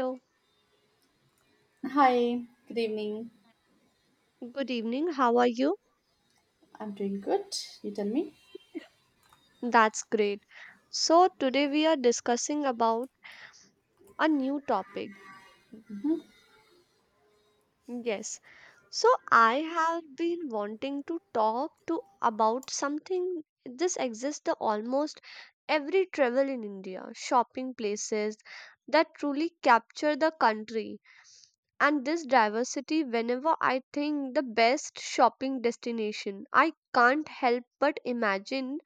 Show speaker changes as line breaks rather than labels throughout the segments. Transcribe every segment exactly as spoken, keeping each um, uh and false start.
Hello,
Hi, good evening.
good evening. How are you?
I'm doing good. You tell me.
That's great. So, today we are discussing about a new topic. Yes. So, I have been wanting to talk to about something this exists the almost every travel in India, shopping places that truly capture the country and this diversity whenever I think the best shopping destination. I can't help but imagine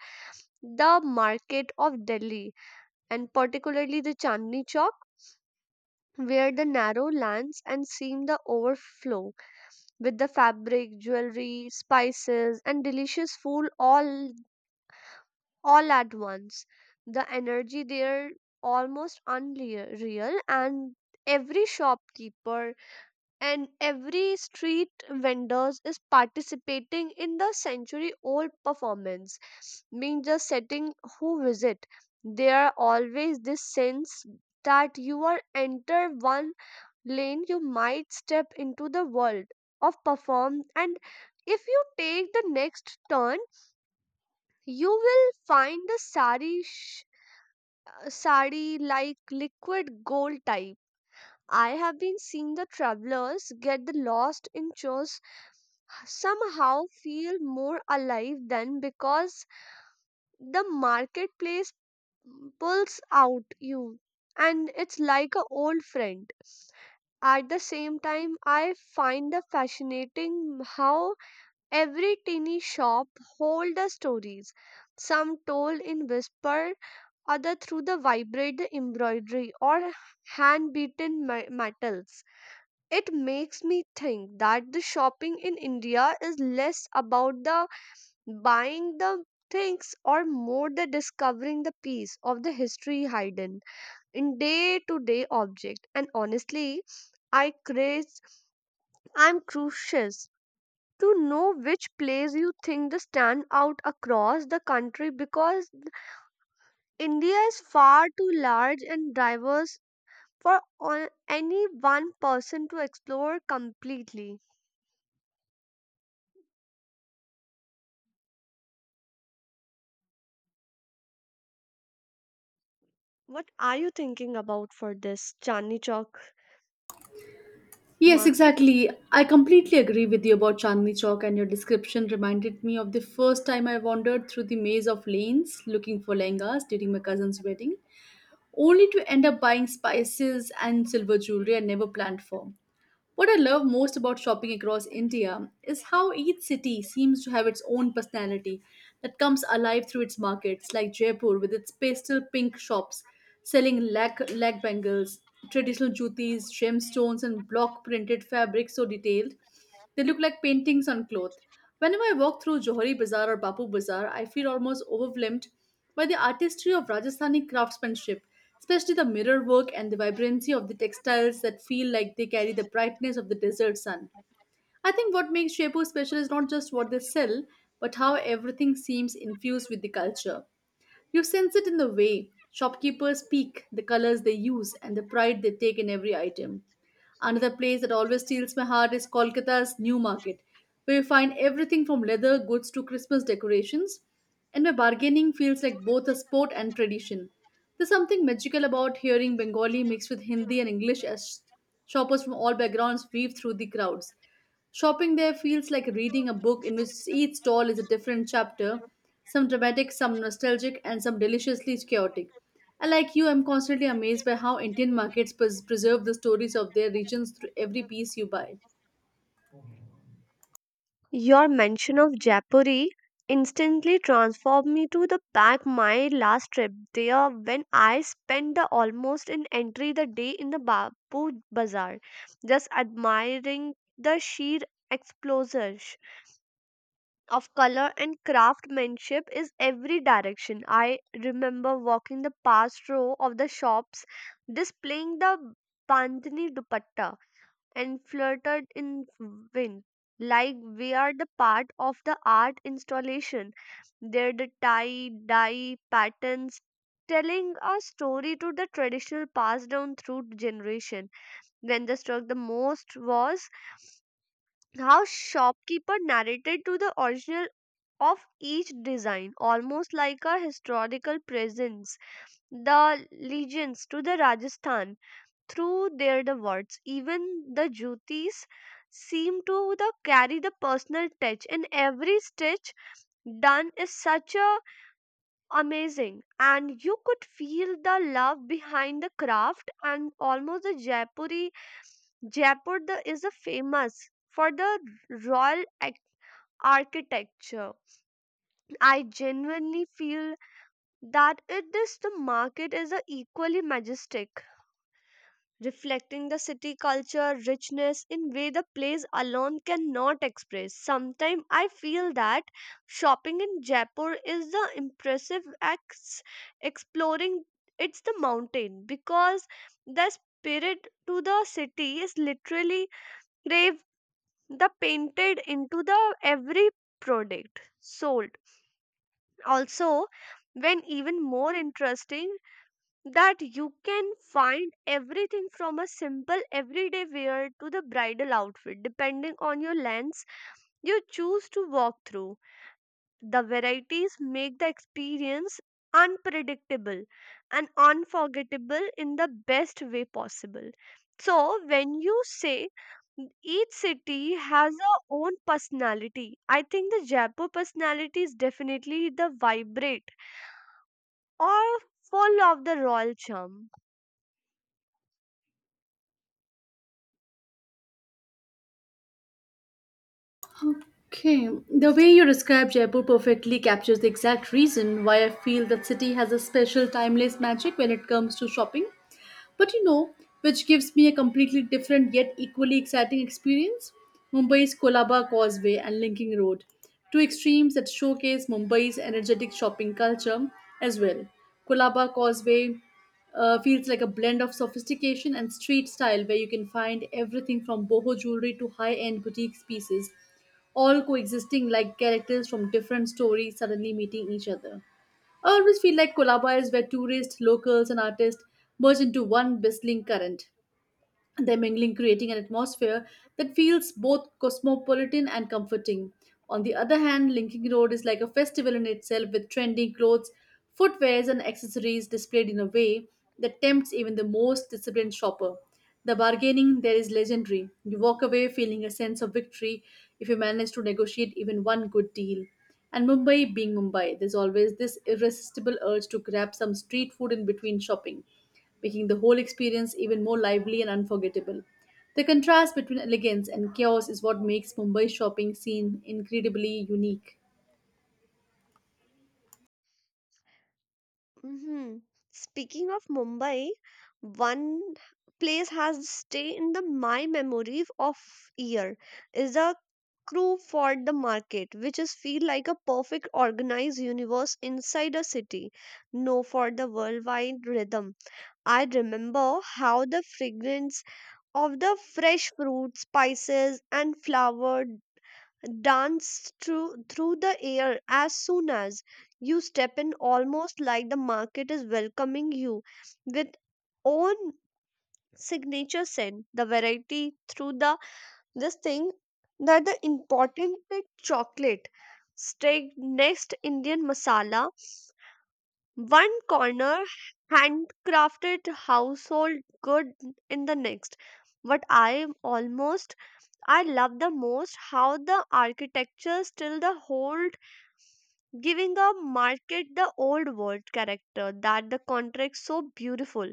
the market of Delhi and particularly the Chandni Chowk, where the narrow lands and seem the overflow with the fabric, jewelry, spices, and delicious food all all at once. The energy there almost unreal, and every shopkeeper and every street vendors is participating in the century old performance mean just setting who visit there are always this sense that you are enter one lane you might step into the world of perform, and if you take the next turn you will find the sari sh- uh, sari like liquid gold type. I have been seeing the travelers get the lost in chores somehow feel more alive than because the marketplace pulls out you and it's like a old friend. At the same time I find the fascinating how every tiny shop hold the stories, some told in whisper, other through the vibrate the embroidery or hand beaten metals. It makes me think that the shopping in India is less about the buying the things or more the discovering the piece of the history hidden in day to day object. And honestly, I craze I'm curious to know which place you think the stand out across the country, because India is far too large and diverse for on- any one person to explore completely. What are you thinking about for this Chandni Chowk
Yes,
market?
exactly. I completely agree with you about Chandni Chowk, and your description reminded me of the first time I wandered through the maze of lanes looking for lehengas during my cousin's wedding, only to end up buying spices and silver jewelry I never planned for. What I love most about shopping across India is how each city seems to have its own personality that comes alive through its markets, like Jaipur with its pastel pink shops selling lag, lag bangles, traditional jutis, gemstones, and block printed fabrics so detailed. They look like paintings on cloth. Whenever I walk through Johari Bazaar or Bapu Bazaar, I feel almost overwhelmed by the artistry of Rajasthani craftsmanship, especially the mirror work and the vibrancy of the textiles that feel like they carry the brightness of the desert sun. I think what makes Jaipur special is not just what they sell, but how everything seems infused with the culture. You sense it in the way shopkeepers speak, the colors they use, and the pride they take in every item. Another place that always steals my heart is Kolkata's New Market, where you find everything from leather goods to Christmas decorations, and where bargaining feels like both a sport and tradition. There's something magical about hearing Bengali mixed with Hindi and English as shoppers from all backgrounds weave through the crowds. Shopping there feels like reading a book in which each stall is a different chapter, some dramatic, some nostalgic, and some deliciously chaotic. And like you, I'm constantly amazed by how Indian markets pres- preserve the stories of their regions through every piece you buy.
Your mention of Jaipuri instantly transformed me to the back my last trip there when I spent the almost an entry the day in the Bapu Bazaar, just admiring the sheer explosion of color and craftsmanship is every direction. I remember walking the past row of the shops displaying the Bandhani dupatta and fluttered in wind like we are the part of the art installation. They're the tie dye patterns telling a story to the traditional passed down through generation. When the struck the most was how shopkeeper narrated to the original of each design almost like a historical presence the legends to the Rajasthan through their the words. Even the jutis seem to the carry the personal touch, and every stitch done is such a amazing. And you could feel the love behind the craft, and almost the Jaipuri Jaipur the, is a famous for the royal ac- architecture. I genuinely feel that it is the market is a equally majestic, reflecting the city culture richness in way the place alone cannot express. Sometimes I feel that shopping in Jaipur is the impressive acts, exploring it's the mountain, because the spirit to the city is literally grave the painted into the every product sold. Also, when even more interesting that you can find everything from a simple everyday wear to the bridal outfit depending on your lens you choose to walk through. The varieties make the experience unpredictable and unforgettable in the best way possible. So, when you say each city has a own personality, I think the Jaipur personality is definitely the vibrant or full of the royal charm.
Okay, the way you describe Jaipur perfectly captures the exact reason why I feel that city has a special timeless magic when it comes to shopping. But you know, which gives me a completely different yet equally exciting experience Mumbai's Kolaba Causeway and Linking Road, two extremes that showcase Mumbai's energetic shopping culture as well. Kolaba Causeway uh, feels like a blend of sophistication and street style where you can find everything from boho jewelry to high end boutique pieces, all coexisting like characters from different stories suddenly meeting each other. I always feel like Colaba is where tourists, locals, and artists merge into one bustling current. They're mingling, creating an atmosphere that feels both cosmopolitan and comforting. On the other hand, Linking Road is like a festival in itself with trendy clothes, footwears, and accessories displayed in a way that tempts even the most disciplined shopper. The bargaining there is legendary. You walk away feeling a sense of victory if you manage to negotiate even one good deal. And Mumbai being Mumbai, there's always this irresistible urge to grab some street food in between shopping making the whole experience even more lively and unforgettable. The contrast between elegance and chaos is what makes Mumbai's shopping scene incredibly unique.
Hmm. Speaking of Mumbai, one place has stay in the my memory of year is the crew for the market, which is feel like a perfect organized universe inside a city. No, for the worldwide rhythm. I remember how the fragrance of the fresh fruit, spices, and flower dance through through the air as soon as you step in, almost like the market is welcoming you with own signature scent, the variety through the this thing that the important bit chocolate steak next indian masala one corner handcrafted household good in the next. What I am almost, I love the most how the architecture still the whole, giving a market the old world character that the contract so beautiful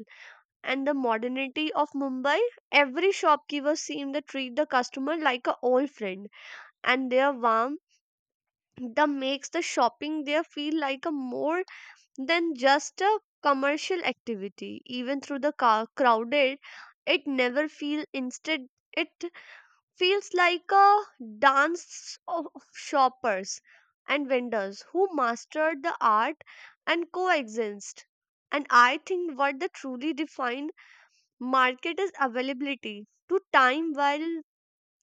and the modernity of Mumbai. Every shopkeeper seemed to treat the customer like a old friend, and their warmth that makes the shopping there feel like a more than just a commercial activity. Even through the ca- crowded it never feel instead, it feels like a dance of of shoppers and vendors who mastered the art and coexist. And I think what the truly defined market is availability to time while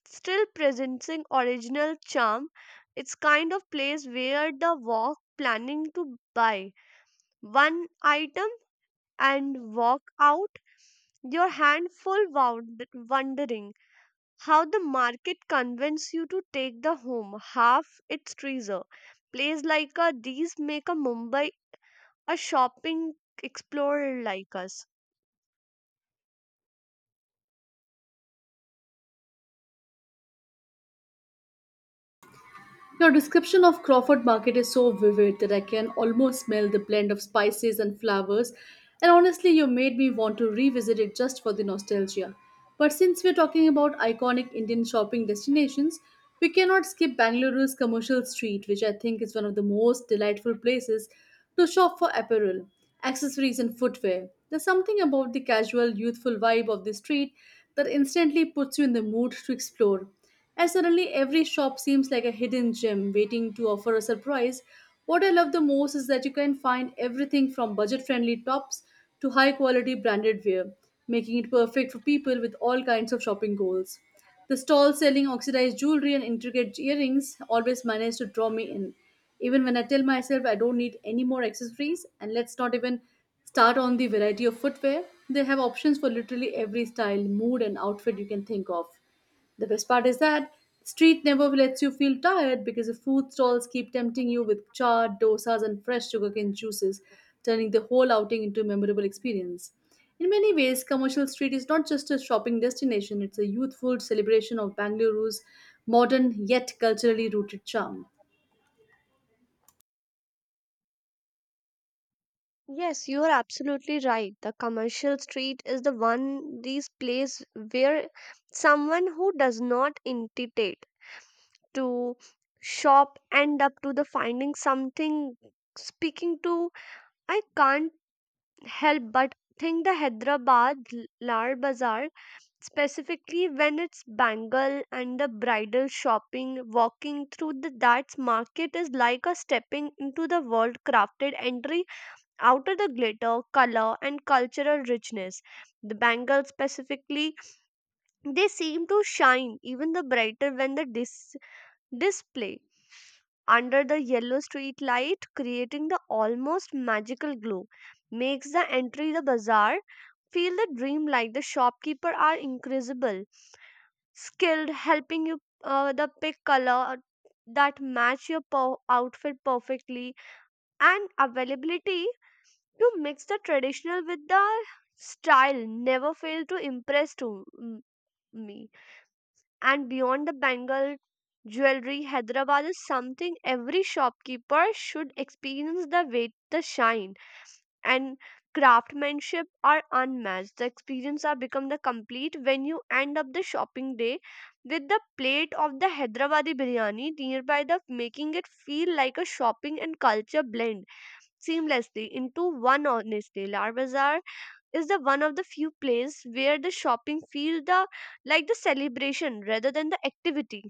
still presenting original charm. It's kind of place where the walk planning to buy one item and walk out your hand full wound- wondering how the market convinces you to take the home half its treasure. Place like a, these make a Mumbai a shopping explorer like us.
Your description of Crawford Market is so vivid that I can almost smell the blend of spices and flowers, and honestly, you made me want to revisit it just for the nostalgia. But since we're talking about iconic Indian shopping destinations, we cannot skip Bangaluru's commercial street, which I think is one of the most delightful places to shop for apparel, accessories, and footwear. There's something about the casual, youthful vibe of the street that instantly puts you in the mood to explore. And suddenly, every shop seems like a hidden gem waiting to offer a surprise. What I love the most is that you can find everything from budget friendly tops to high quality branded wear, making it perfect for people with all kinds of shopping goals. The stalls selling oxidized jewelry and intricate earrings always manage to draw me in, even when I tell myself I don't need any more accessories. And let's not even start on the variety of footwear. They have options for literally every style, mood, and outfit you can think of. The best part is that street never lets you feel tired because the food stalls keep tempting you with chaat, dosas, and fresh sugarcane juices, turning the whole outing into a memorable experience. In many ways, commercial street is not just a shopping destination, it's a youthful celebration of Bengaluru's modern yet culturally rooted charm.
Yes, you are absolutely right. The commercial street is the one these place where someone who does not intitulate to shop end up to the finding something speaking to. I can't help but think the Hyderabad Lar Bazaar, specifically when it's bangle and the bridal shopping, walking through the that market is like a stepping into the world crafted entry out of the glitter color and cultural richness. The bangles specifically, they seem to shine even the brighter when the dis- display under the yellow street light, creating the almost magical glow makes the entry the bazaar feel the dream. Like the shopkeeper are incredible skilled, helping you uh, the pick color that match your per- outfit perfectly, and availability to mix the traditional with the style never fail to impress to m- me. And beyond the bangle jewelry Hyderabad is something every shopkeeper should experience, the way the shine and craftsmanship are unmatched. The experience are become the complete when you end up the shopping day with the plate of the Hyderabadi biryani nearby, the making it feel like a shopping and culture blend seamlessly into one. Honestly, Lar Bazaar is the one of the few places where the shopping feel the like the celebration rather than the activity.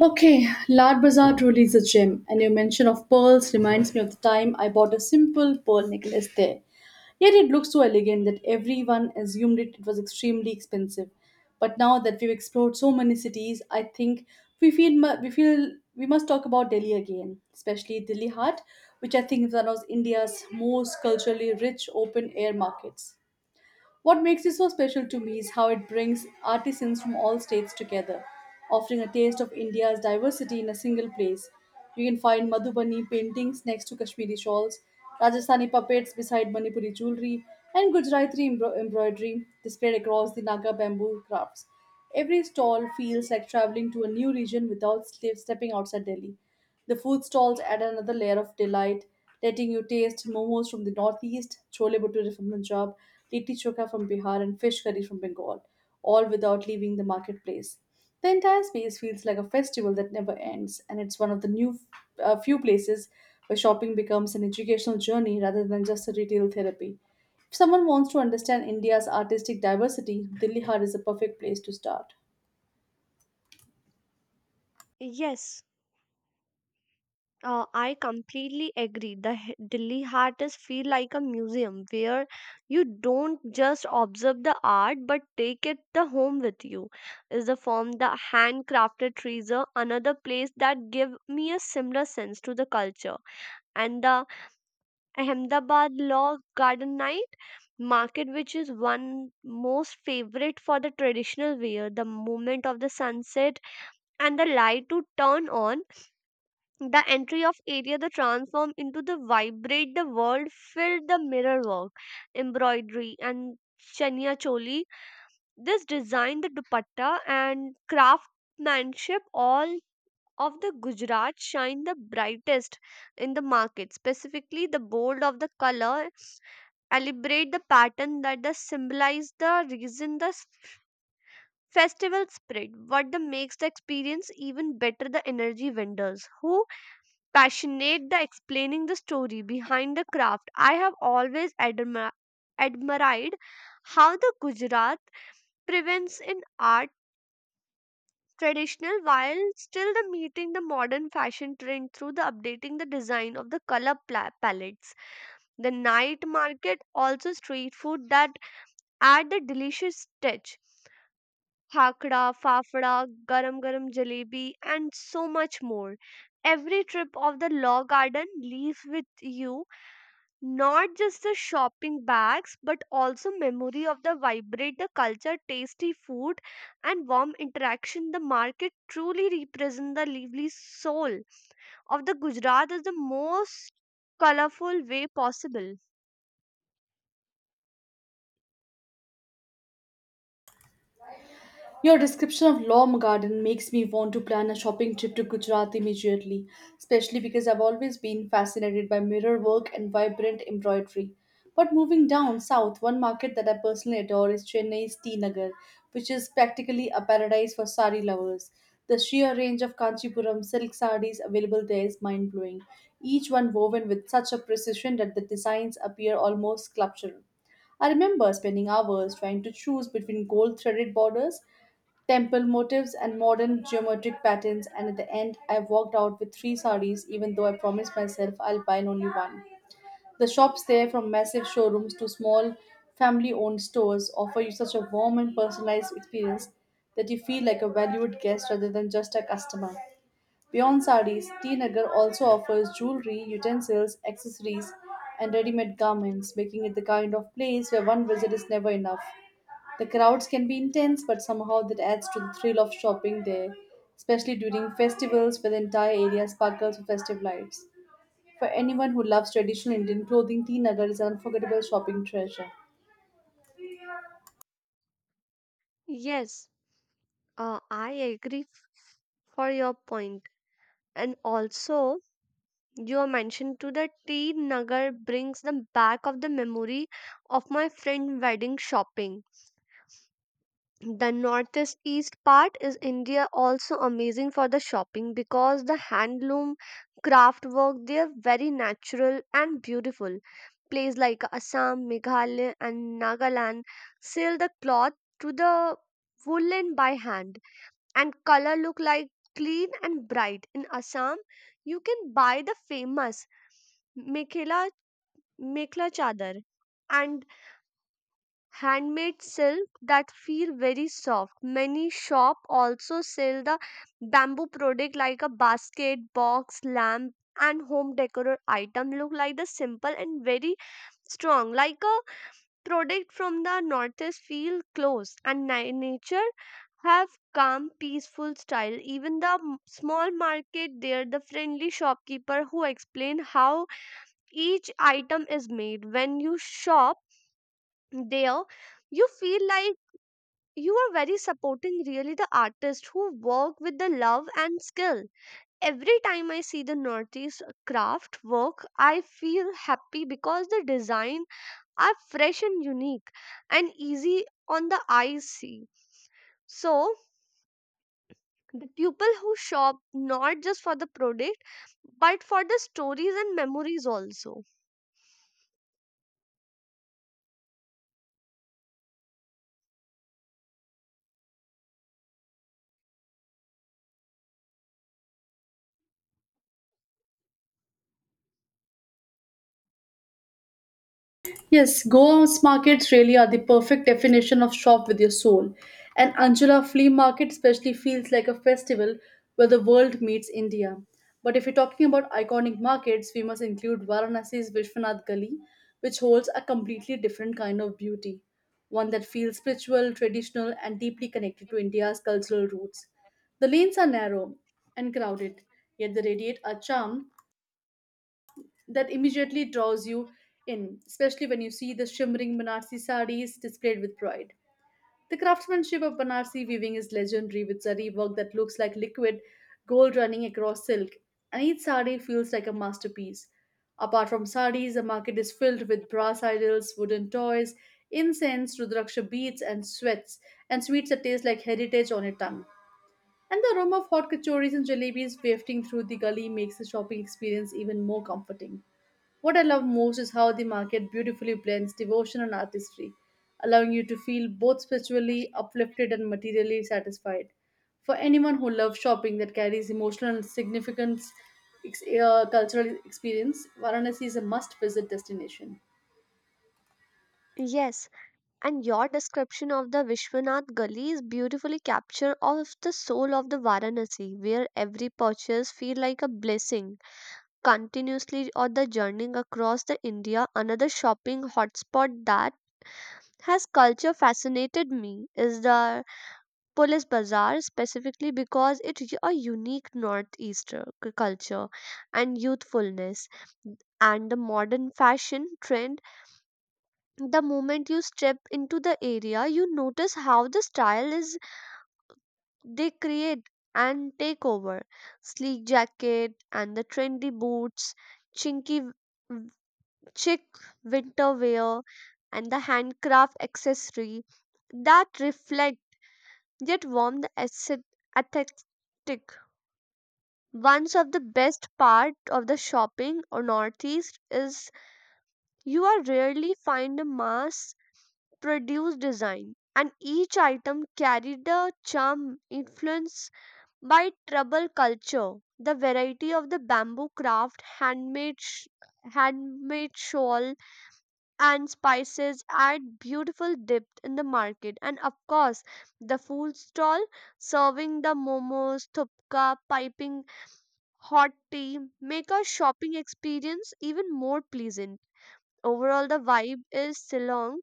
Okay, Lard Bazaar truly is a gem, and your mention of pearls reminds me of the time I bought a simple pearl necklace there. Yet it looked so elegant that everyone assumed it, it was extremely expensive. But now that we've explored so many cities, I think we feel mu- we feel we must talk about Delhi again, especially Delhi Heart, which I think is one of India's most culturally rich open air markets. What makes it so special to me is how it brings artisans from all states together, offering a taste of India's diversity in a single place. You can find Madhubani paintings next to Kashmiri shawls, Rajasthani puppets beside Manipuri jewelry, and Gujarati embro- embroidery displayed across the Naga bamboo crafts. Every stall feels like traveling to a new region without ste- stepping outside Delhi. The food stalls add another layer of delight, letting you taste momos from the northeast, chole bhature from Punjab, litti chokha from Bihar, and fish curry from Bengal, all without leaving the marketplace. The entire space feels like a festival that never ends, and it's one of the new uh, few places where shopping becomes an educational journey rather than just a retail therapy. If someone wants to understand India's artistic diversity, Dilli Hard is a perfect place to start.
Yes. Uh, I completely agree. The H- Delhi Heart is feel like a museum where you don't just observe the art but take it the home with you. Is the form the handcrafted trees are another place that give me a similar sense to the culture. And the Ahmedabad Law Garden Night market, which is one most favorite for the traditional wear, the moment of the sunset and the light to turn on, the entry of area the transform into the vibrate the world filled the mirror work, embroidery and chania choli. This design the dupatta and craftsmanship all of the Gujarat shine the brightest in the market. Specifically, the bold of the color elaborate the pattern that the symbolize the reason the s- festival spirit. What the makes the experience even better the energy vendors who passionate the explaining the story behind the craft. I have always admi- admired how the Gujarat prevents in art traditional while still the meeting the modern fashion trend through the updating the design of the color pla- palettes. The night market also street food that add the delicious touch: Hakra, fafda, garam garam jalebi, and so much more. Every trip of the law garden leaves with you not just the shopping bags, but also memory of the vibrate the culture, tasty food, and warm interaction. The market truly represents the lively soul of the Gujarat in the most colorful way possible.
Your description of Lom Garden makes me want to plan a shopping trip to Gujarat immediately, especially because I've always been fascinated by mirror work and vibrant embroidery. But moving down south, one market that I personally adore is Chennai's T Nagar, which is practically a paradise for sari lovers. The sheer range of Kanchipuram silk sarees available there is mind blowing, each one woven with such a precision that the designs appear almost sculptural. I remember spending hours trying to choose between gold threaded borders temple motifs and modern geometric patterns, and at the end I walked out with three sarees even though I promised myself I'll buy only one. The shops there, from massive showrooms to small family owned stores, offer you such a warm and personalized experience that you feel like a valued guest rather than just a customer. Beyond sarees, tinagar also offers jewelry, utensils, accessories, and ready-made garments, making it the kind of place where one visit is never enough. The crowds can be intense, but somehow that adds to the thrill of shopping there, especially during festivals where the entire area sparkles with festive lights. For anyone who loves traditional Indian clothing, T Nagar is an unforgettable shopping treasure.
Yes, uh, I agree for your point. And also, you mentioned to the tea nagar brings the back of the memory of my friend wedding shopping. The northeast east part is India also amazing for the shopping because the handloom craft work there very natural and beautiful. Places like Assam, Meghalaya and Nagaland seal the cloth to the woolen by hand, and color look like clean and bright. In Assam, you can buy the famous Mekhela Mekhla Chadar and handmade silk that feel very soft. Many shop also sell the bamboo product like a basket, box, lamp and home decor item, look like the simple and very strong. Like a product from the northeast feel close and ni- nature, have calm peaceful style. Even the m- small market there the friendly shopkeeper who explain how each item is made. When you shop there you feel like you are very supporting really the artists who work with the love and skill. Every time I see the northeast craft work I feel happy because the design are fresh and unique and easy on the eye see. So, the people who shop not just for the product but for the stories and memories also.
Yes, Goa's markets really are the perfect definition of shop with your soul. And Anjula Flea Market especially feels like a festival where the world meets India. But if we're talking about iconic markets, we must include Varanasi's Vishwanath Gali, which holds a completely different kind of beauty, one that feels spiritual, traditional, and deeply connected to India's cultural roots. The lanes are narrow and crowded, yet they radiate a charm that immediately draws you in, especially when you see the shimmering Banarsi saris displayed with pride. The craftsmanship of Banarsi weaving is legendary with zari work that looks like liquid gold running across silk, and each sari feels like a masterpiece. Apart from saris, the market is filled with brass idols, wooden toys, incense, rudraksha beads, and sweets, and sweets that taste like heritage on your tongue. And the aroma of hot kachoris and jalebis wafting through the gully makes the shopping experience even more comforting. What I love most is how the market beautifully blends devotion and artistry, allowing you to feel both spiritually uplifted and materially satisfied. For anyone who loves shopping that carries emotional significance, ex- uh, cultural experience, Varanasi is a must visit destination.
Yes. And your description of the Vishwanath Gully is beautifully capture of the soul of the Varanasi, where every purchase feel like a blessing. Continuously on the journey across the India, another shopping hotspot that has culture fascinated me is the Police Bazaar, specifically because it's a unique northeastern culture and youthfulness and the modern fashion trend. The moment you step into the area you notice how the style is they create and take over sleek jacket and the trendy boots, chinky w- chic winter wear and the handcraft accessory that reflect yet warm the aesthetic. One of the best part of the shopping or northeast is you are rarely find a mass produce design, and each item carried a charm influenced by tribal culture. The variety of the bamboo craft, handmade, sh- handmade shawl, and spices add beautiful depth in the market. And of course, the food stall serving the momos, thupka, piping hot tea make our shopping experience even more pleasant. Overall, the vibe is Ceylon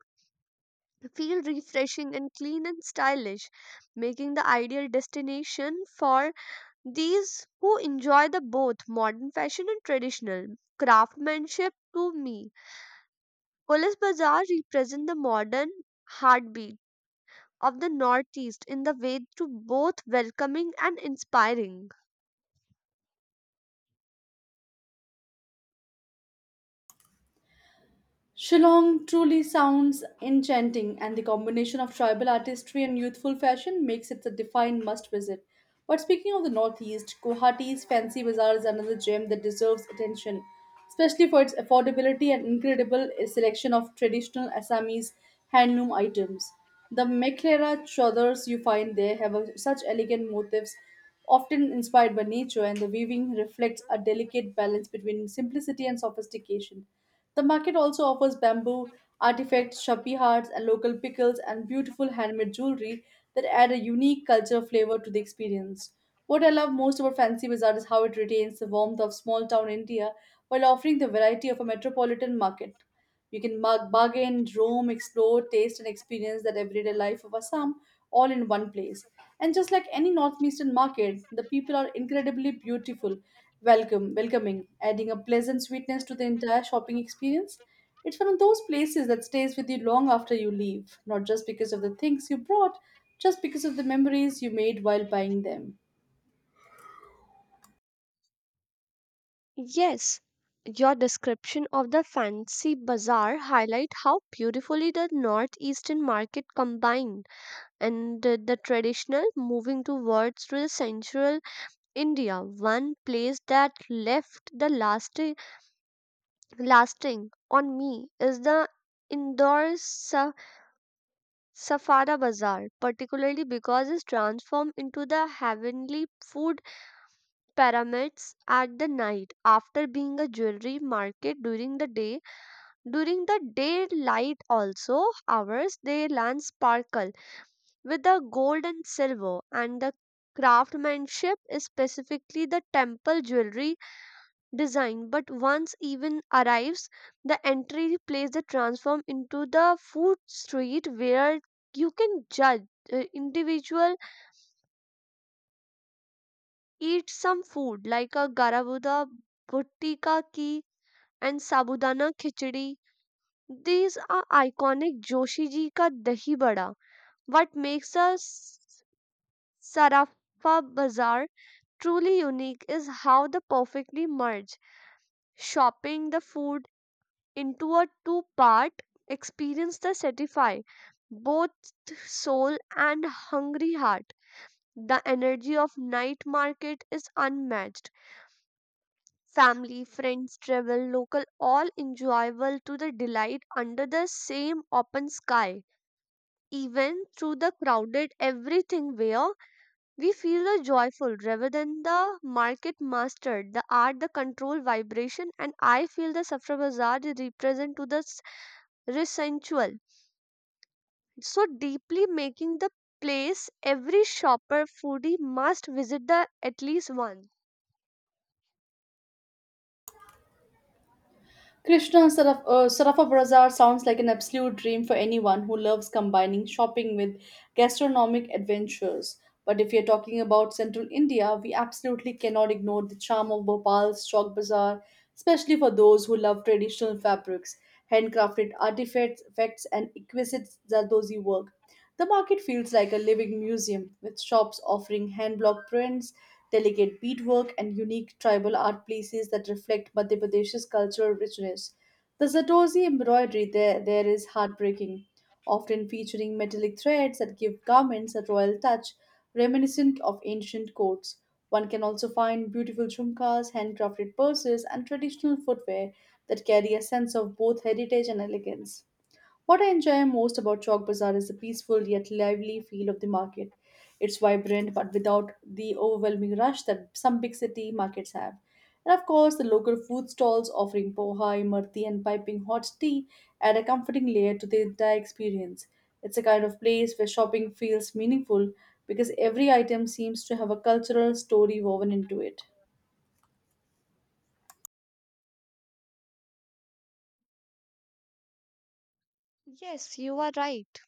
feel refreshing and clean and stylish, making the ideal destination for these who enjoy the both modern fashion and traditional craftsmanship to me. Police Bazaar represent the modern heartbeat of the Northeast in the way to both welcoming and inspiring.
Shillong truly sounds enchanting, and the combination of tribal artistry and youthful fashion makes it a defined must visit. But speaking of the Northeast, Guwahati's Fancy Bazaar is another gem that deserves attention, especially for its affordability and incredible selection of traditional Assamese handloom items. The Meklera chadors you find there have a- such elegant motifs, often inspired by nature, and the weaving reflects a delicate balance between simplicity and sophistication. The market also offers bamboo artifacts, shabby hearts, and local pickles and beautiful handmade jewelry that add a unique cultural flavor to the experience. What I love most about Fancy Bazaar is how it retains the warmth of small town India while offering the variety of a metropolitan market. You can mug, bargain, roam, explore, taste, and experience that everyday life of Assam all in one place. And just like any northeastern market, the people are incredibly beautiful, welcome, welcoming, adding a pleasant sweetness to the entire shopping experience. It's one of those places that stays with you long after you leave, not just because of the things you brought, just because of the memories you made while buying them.
Yes, your description of the fancy bazaar highlight how beautifully the northeastern market combine and the, the traditional moving towards to the central India. One place that left the lasting lasting on me is the Indore Sa- Safada Bazaar, particularly because it's transformed into the heavenly food pyramids at the night after being a jewelry market during the day. During the daylight also hours they land sparkle with the gold and silver and the craftsmanship is specifically the temple jewelry design but once even arrives the entry place the transform into the food street where you can judge uh, individual eat some food like a garavuda buttika ki and sabudana khichdi. These are iconic joshi ji ka dahi bada. What makes a s- sarafa bazaar truly unique is how they perfectly merge shopping the food into a two part experience that satisfy both soul and hungry heart. The energy of night market is unmatched. Family, friends, travel, local, all enjoyable to the delight under the same open sky. Even through the crowded everything where we feel the joyful rather than the market mastered, the art, the control vibration, and I feel the Safra Bazaar is represent to the s- rich sensual. So deeply making the place every shopper foodie must visit the at least one.
Krishna Saraf, uh, Sarafa Bazaar sounds like an absolute dream for anyone who loves combining shopping with gastronomic adventures. But if you're talking about central India, we absolutely cannot ignore the charm of Bhopal's Chowk Bazaar, especially for those who love traditional fabrics handcrafted artifacts effects, and exquisite Zardozi work. The market feels like a living museum, with shops offering hand-block prints, delicate beadwork, and unique tribal art pieces that reflect Madhya Pradesh's cultural richness. The Zardozi embroidery there, there is heartbreaking, often featuring metallic threads that give garments a royal touch reminiscent of ancient courts. One can also find beautiful jhumkas, handcrafted purses, and traditional footwear that carry a sense of both heritage and elegance. What I enjoy most about Chowk Bazaar is the peaceful yet lively feel of the market. It's vibrant but without the overwhelming rush that some big city markets have. And of course, the local food stalls offering poha, imarti, and piping hot tea add a comforting layer to the entire experience. It's a kind of place where shopping feels meaningful because every item seems to have a cultural story woven into it.
Yes, you are right.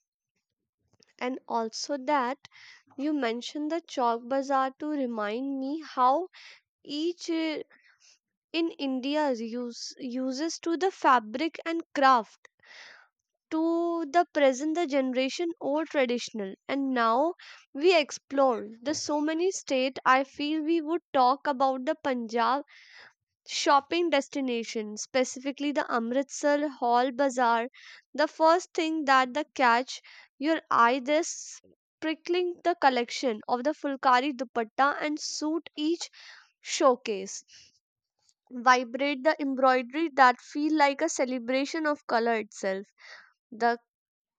And also that you mentioned the Chowk Bazaar to remind me how each uh, in India use, uses to the fabric and craft to the present the generation old, traditional and now we explore the so many state. I feel we would talk about the Punjab shopping destination specifically the Amritsar Hall Bazaar. The first thing that the catch your eye this prickling the collection of the fulkari dupatta and suit each showcase vibrate the embroidery that feel like a celebration of color itself. The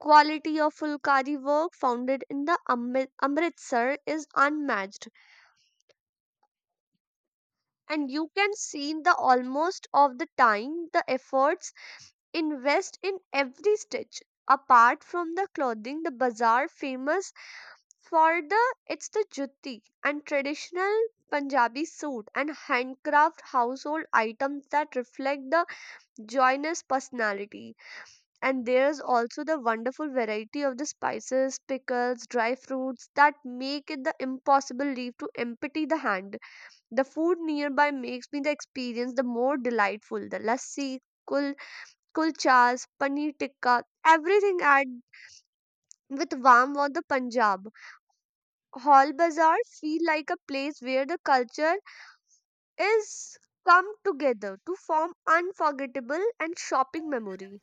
quality of Fulkari work founded in the Amrit- Amritsar is unmatched and you can see the almost of the time the efforts invest in every stitch. Apart from the clothing, the bazaar famous for the it's the jutti and traditional Punjabi suit and handcraft household items that reflect the joiner's personality. And there's also the wonderful variety of the spices, pickles, dry fruits that make it the impossible leave to empty the hand. The food nearby makes me the experience the more delightful. The lassi, kul, kulchas, paneer tikka, everything at with warm of the Punjab. Hall Bazaar feel like a place where the culture is come together to form unforgettable and shopping memory.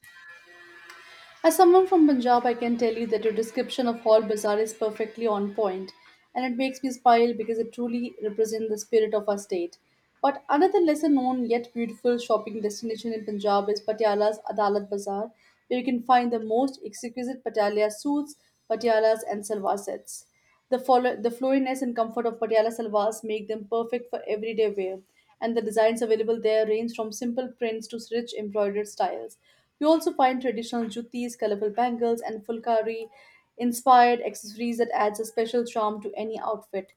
As someone from Punjab, I can tell you that your description of Hall Bazaar is perfectly on point, and it makes me smile because it truly represents the spirit of our state. But another lesser known yet beautiful shopping destination in Punjab is Patiala's Adalat Bazaar, where you can find the most exquisite Patiala suits, Patialas, and salwar sets. The, follow- the flowiness and comfort of Patiala salwars make them perfect for everyday wear, and the designs available there range from simple prints to rich embroidered styles. You also find traditional juttis, colorful bangles, and fulkari inspired accessories that adds a special charm to any outfit.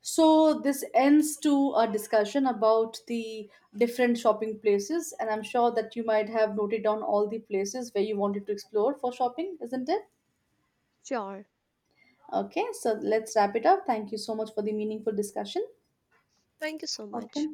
So this ends to our discussion about the different shopping places, and I'm sure that you might have noted down all the places where you wanted to explore for shopping, isn't it?
Sure.
Okay, so let's wrap it up. Thank you so much for the meaningful discussion.
Thank you so
Okay.
much.